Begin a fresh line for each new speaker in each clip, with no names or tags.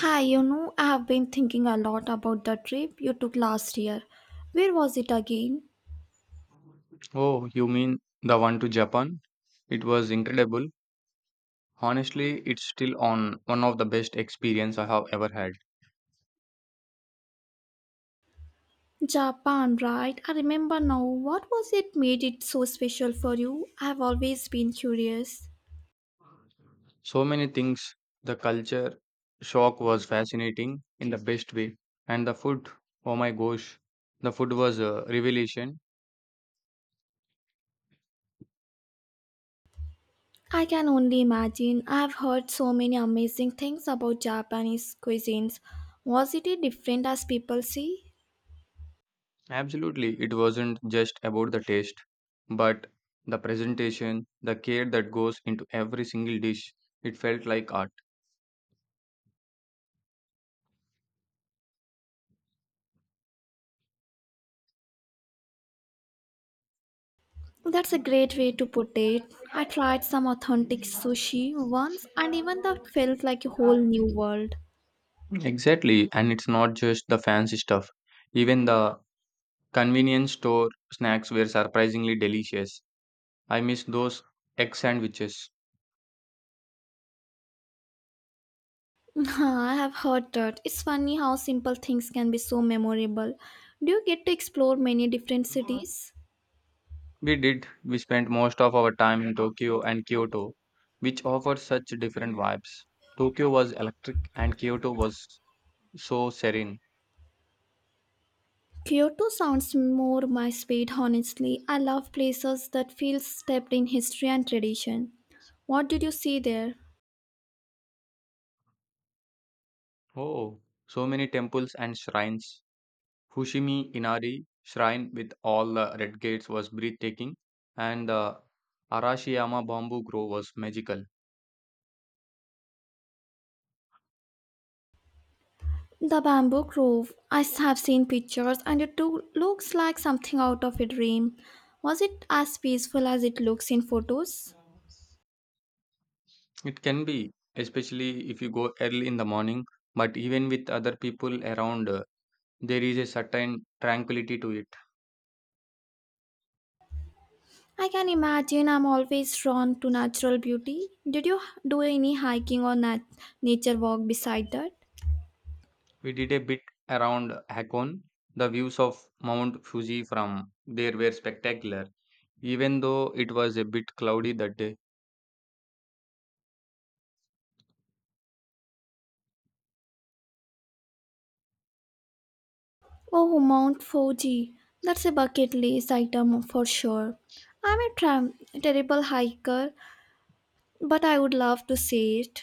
Hi, I have been thinking a lot about the trip you took last year. Where was it again?
Oh, you mean the one to Japan? It was incredible. Honestly, it's still on one of the best experience I have ever had.
Japan, right? I remember now. What was it made it so special for you? I have always been curious.
So many things, the culture shock was fascinating in the best way, and the food, oh my gosh, the food was a revelation.
I can only imagine. I have heard so many amazing things about Japanese cuisines. Was it different as people say?
Absolutely, it wasn't just about the taste, but the presentation, the care that goes into every single dish. It felt like art.
That's a great way to put it. I tried some authentic sushi once and even that felt like a whole new world.
Exactly, and it's not just the fancy stuff. Even the convenience store snacks were surprisingly delicious. I miss those egg sandwiches.
I have heard that. It's funny how simple things can be so memorable. Do you get to explore many different cities?
We did. We spent most of our time in Tokyo and Kyoto, which offered such different vibes. Tokyo was electric and Kyoto was so serene.
Kyoto sounds more my speed, honestly. I love places that feel steeped in history and tradition. What did you see there?
Oh, so many temples and shrines. Fushimi Inari shrine with all the red gates was breathtaking, and the Arashiyama bamboo grove was magical.
The bamboo grove. I have seen pictures and it too looks like something out of a dream. Was it as peaceful as it looks in photos?
It can be, especially if you go early in the morning, but even with other people around, there is a certain tranquility to it.
I can imagine I'm always drawn to natural beauty. Did you do any hiking or nature walk beside that?
We did a bit around Hakone. The views of Mount Fuji from there were spectacular. Even though it was a bit cloudy that day,
Oh, Mount Fuji. That's a bucket list item for sure. I'm a terrible hiker, but I would love to see it.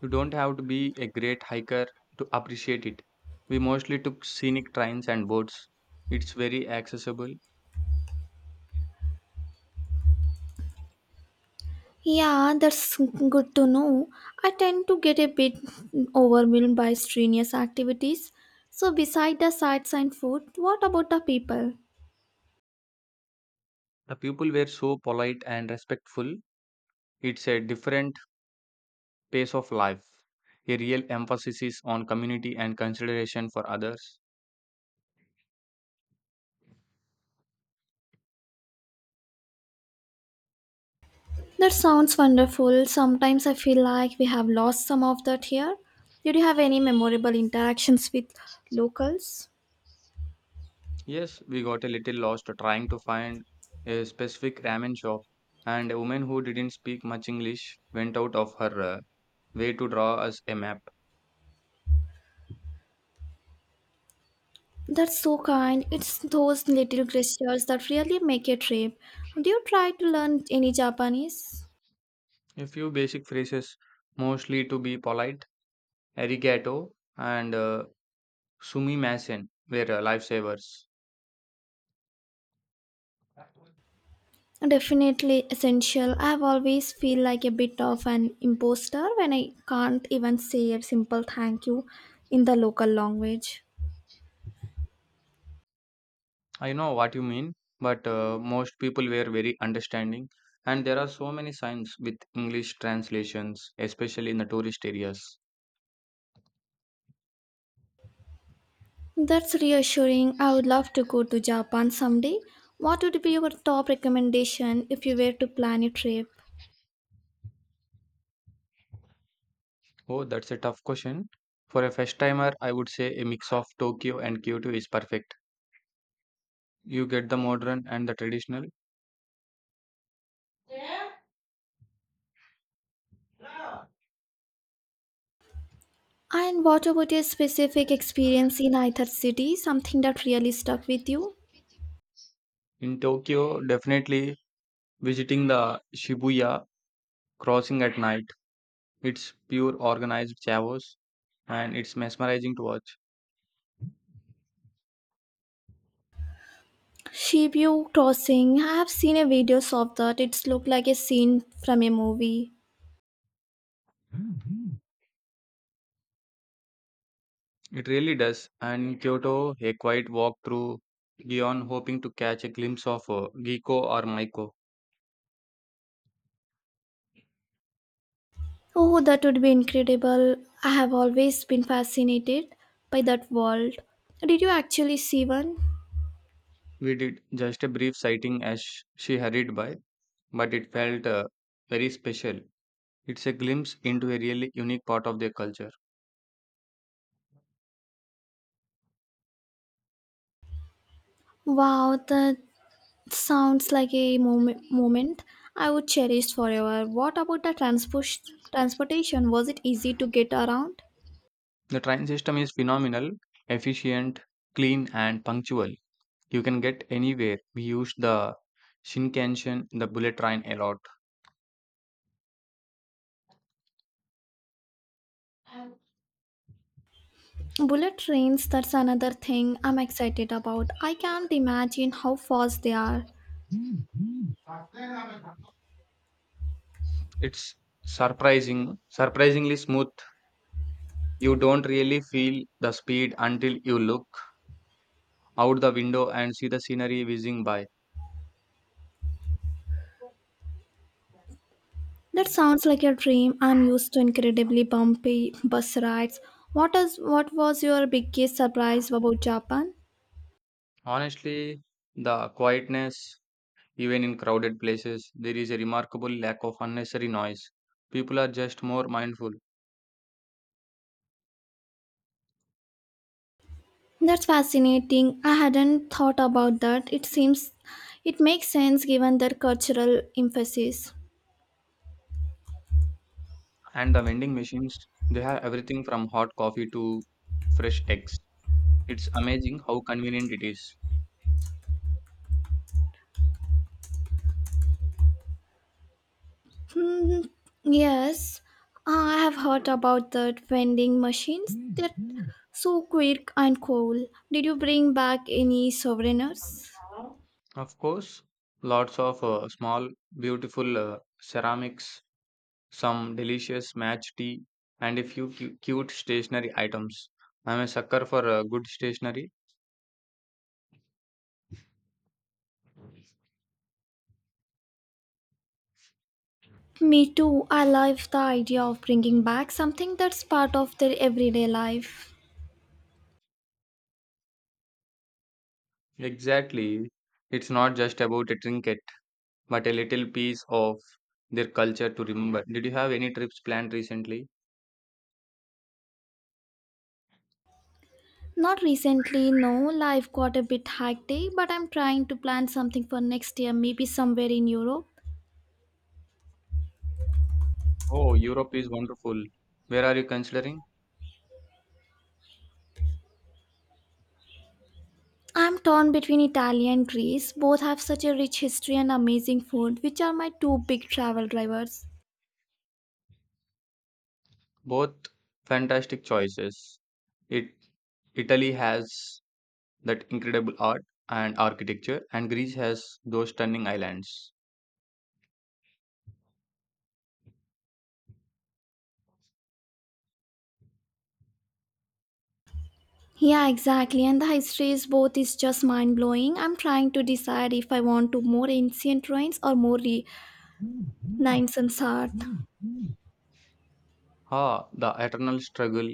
you don't have to be a great hiker to appreciate it. We mostly took scenic trains and boats. It's very accessible.
Yeah, that's good to know. I tend to get a bit overwhelmed by strenuous activities. So, beside the sights and food, what about the people?
The people were so polite and respectful. It's a different pace of life. A real emphasis is on community and consideration for others.
That sounds wonderful. Sometimes I feel like we have lost some of that here. Did you have any memorable interactions with locals?
Yes, we got a little lost trying to find a specific ramen shop, and a woman who didn't speak much English went out of her way to draw us a map.
That's so kind. It's those little gestures that really make a trip. Do you try to learn any Japanese?
A few basic phrases, mostly to be polite, arigato and sumimasen, were lifesavers.
Definitely essential. I've always feel like a bit of an imposter when I can't even say a simple thank you in the local language.
I know what you mean, but most people were very understanding, and there are so many signs with English translations, especially in the tourist areas.
That's reassuring. I would love to go to Japan someday. What would be your top recommendation if you were to plan a trip?
Oh, that's a tough question. For a first timer, I would say a mix of Tokyo and Kyoto is perfect. You get the modern and the traditional.
And what about a specific experience in either city? Something that really stuck with you?
In Tokyo, definitely visiting the Shibuya crossing at night. It's pure organized chaos and it's mesmerizing to
Shibuya Crossing. I have seen a videos of that. It's looked like a scene from a movie.
watch. It really does. And Kyoto, a quiet walk through Gion, hoping to catch a glimpse of Giko or Maiko.
Oh, that would be incredible. I have always been fascinated by that world. Did you actually see one?
We did just a brief sighting as she hurried by, but it felt very special. It's a glimpse into a really unique part of their culture.
Wow, that sounds like a moment I would cherish forever. What about the transportation? Was it easy to get around?
The train system is phenomenal, efficient, clean, and punctual. You can get anywhere. We use the Shinkansen, the bullet train, a lot.
Bullet trains, that's another thing I'm excited about. I can't imagine how fast they are.
It's surprisingly smooth. You don't really feel the speed until you look out the window and see the scenery whizzing by.
That sounds like a dream. I'm used to incredibly bumpy bus rides. What was your biggest surprise about Japan?
Honestly, the quietness, even in crowded places, there is a remarkable lack of unnecessary noise. People are just more mindful.
That's fascinating. I hadn't thought about that. It seems it makes sense given their cultural emphasis.
And the vending machines, they have everything from hot coffee to fresh eggs. It's amazing how convenient it is.
Mm, yes, I have heard about the vending machines. They're so quick and cool. Did you bring back any souvenirs?
Of course, lots of small, beautiful ceramics, some delicious match tea, and a few cute stationery items. I'm a sucker for good stationery.
Me too. I love the idea of bringing back something that's part of their everyday life.
Exactly. It's not just about a trinket, but a little piece of their culture to remember. Did you have any trips planned recently?
Not recently, no. Life got a bit hectic, but I'm trying to plan something for next year, maybe somewhere in Europe.
Oh, Europe is wonderful. Where are you considering?
I'm torn between Italy and Greece. Both have such a rich history and amazing food, which are my two big travel drivers.
Both fantastic choices. It Italy has that incredible art and architecture, and Greece has those stunning islands.
Yeah, exactly. And the history is both is just mind blowing. I'm trying to decide if I want to more ancient ruins or more Renaissance art.
Ah, the eternal struggle.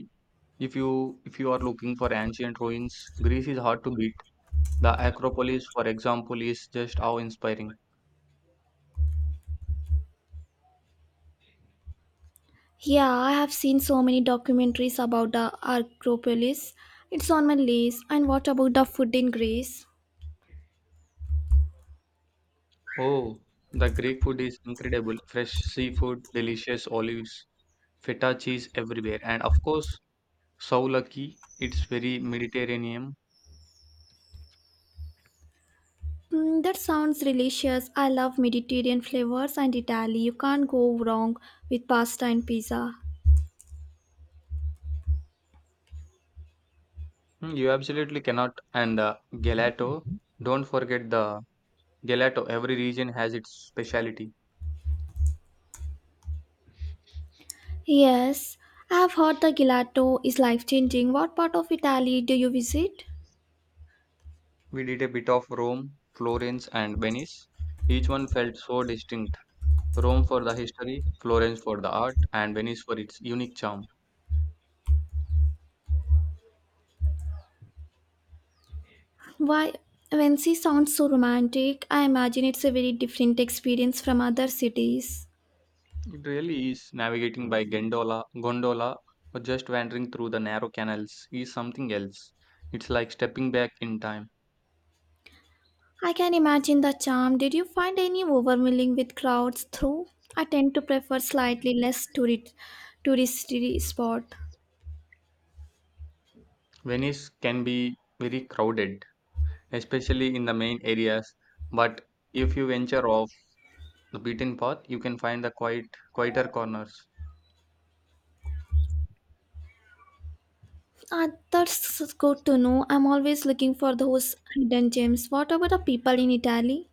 If you are looking for ancient ruins, Greece is hard to beat. The Acropolis, for example, is just awe-inspiring.
Yeah, I have seen so many documentaries about the Acropolis. It's on my list. And what about the food in Greece?
Oh, the Greek food is incredible. Fresh seafood, delicious olives, feta cheese everywhere, and of course, souvlaki. It's very Mediterranean.
Mm, that sounds delicious. I love Mediterranean flavors and Italy. You can't go wrong with pasta and pizza.
Hmm, you absolutely cannot. And the gelato. Don't forget the gelato. Every region has its specialty.
Yes, I have heard the gelato is life changing. What part of Italy do you visit?
We did a bit of Rome, Florence, and Venice. Each one felt so distinct. Rome for the history, Florence for the art, and Venice for its unique charm.
Why, when she sounds so romantic, I imagine it's a very different experience from other cities.
It really is. Navigating by gondola, or just wandering through the narrow canals is something else. It's like stepping back in time.
I can imagine the charm. Did you find any overwhelming with crowds through? I tend to prefer slightly less tourist touristy spot.
Venice can be very crowded, especially in the main areas, but if you venture off the beaten path, you can find the quieter corners.
Ah, that's good to know. I'm always looking for those hidden gems. What about the people in Italy?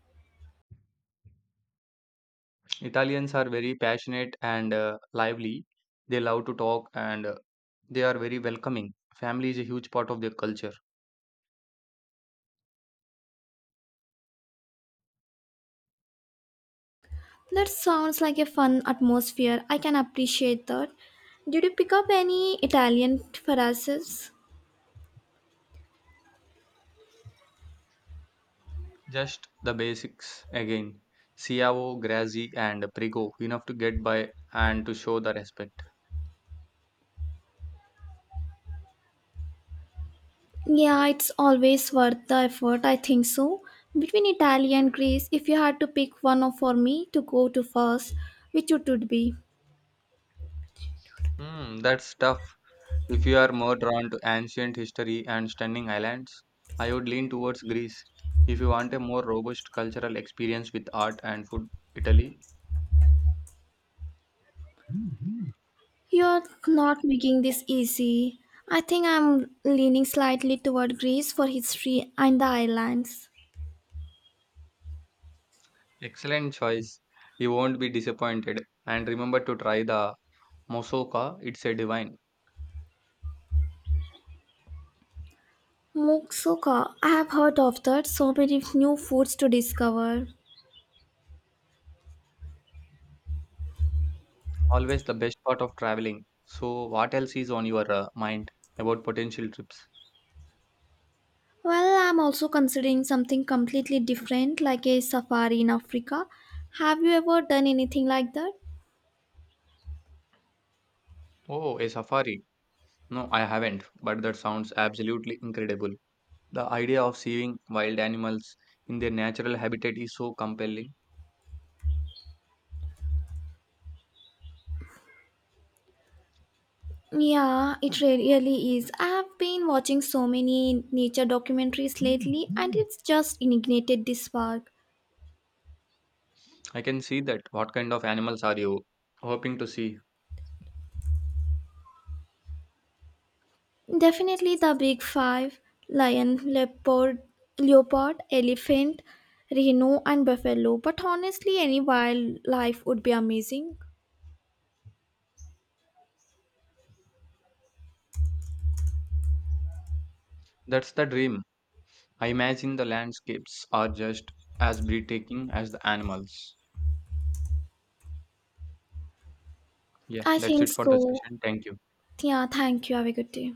Italians are very passionate and lively. They love to talk and they are very welcoming. Family is a huge part of their culture.
That sounds like a fun atmosphere. I can appreciate that. Did you pick up any Italian phrases?
Just the basics again. Ciao, Grazi, and Prigo, enough to get by and to show the respect.
Yeah, it's always worth the effort, I think so. Between Italy and Greece, if you had to pick for me to go to first, which it would be?
Hmm, that's tough. If you are more drawn to ancient history and stunning islands, I would lean towards Greece. If you want a more robust cultural experience with art and food, Italy.
You're not making this easy. I think I'm leaning slightly toward Greece for history and the islands.
Excellent choice. You won't be disappointed. And remember to try the Mosoka, it's a divine.
Moussaka, I have heard of that, so many new foods to discover.
Always the best part of traveling. So, what else is on your mind about potential trips?
Well, I'm also considering something completely different like a safari in Africa. Have you ever done anything like that?
Oh, a safari. No, I haven't, but that sounds absolutely incredible. The idea of seeing wild animals in their natural habitat is so compelling.
Yeah, it really is. I have been watching so many nature documentaries lately and it's just ignited this spark.
I can see that. What kind of animals are you hoping to see?
Definitely the big five lion, leopard, elephant, rhino, and buffalo. But honestly, any wildlife would be amazing.
That's the dream. I imagine the landscapes are just as breathtaking as the animals. Yeah,
I
that's
think
it for the
so.
session. Thank you.
Yeah, thank you. Have a good day.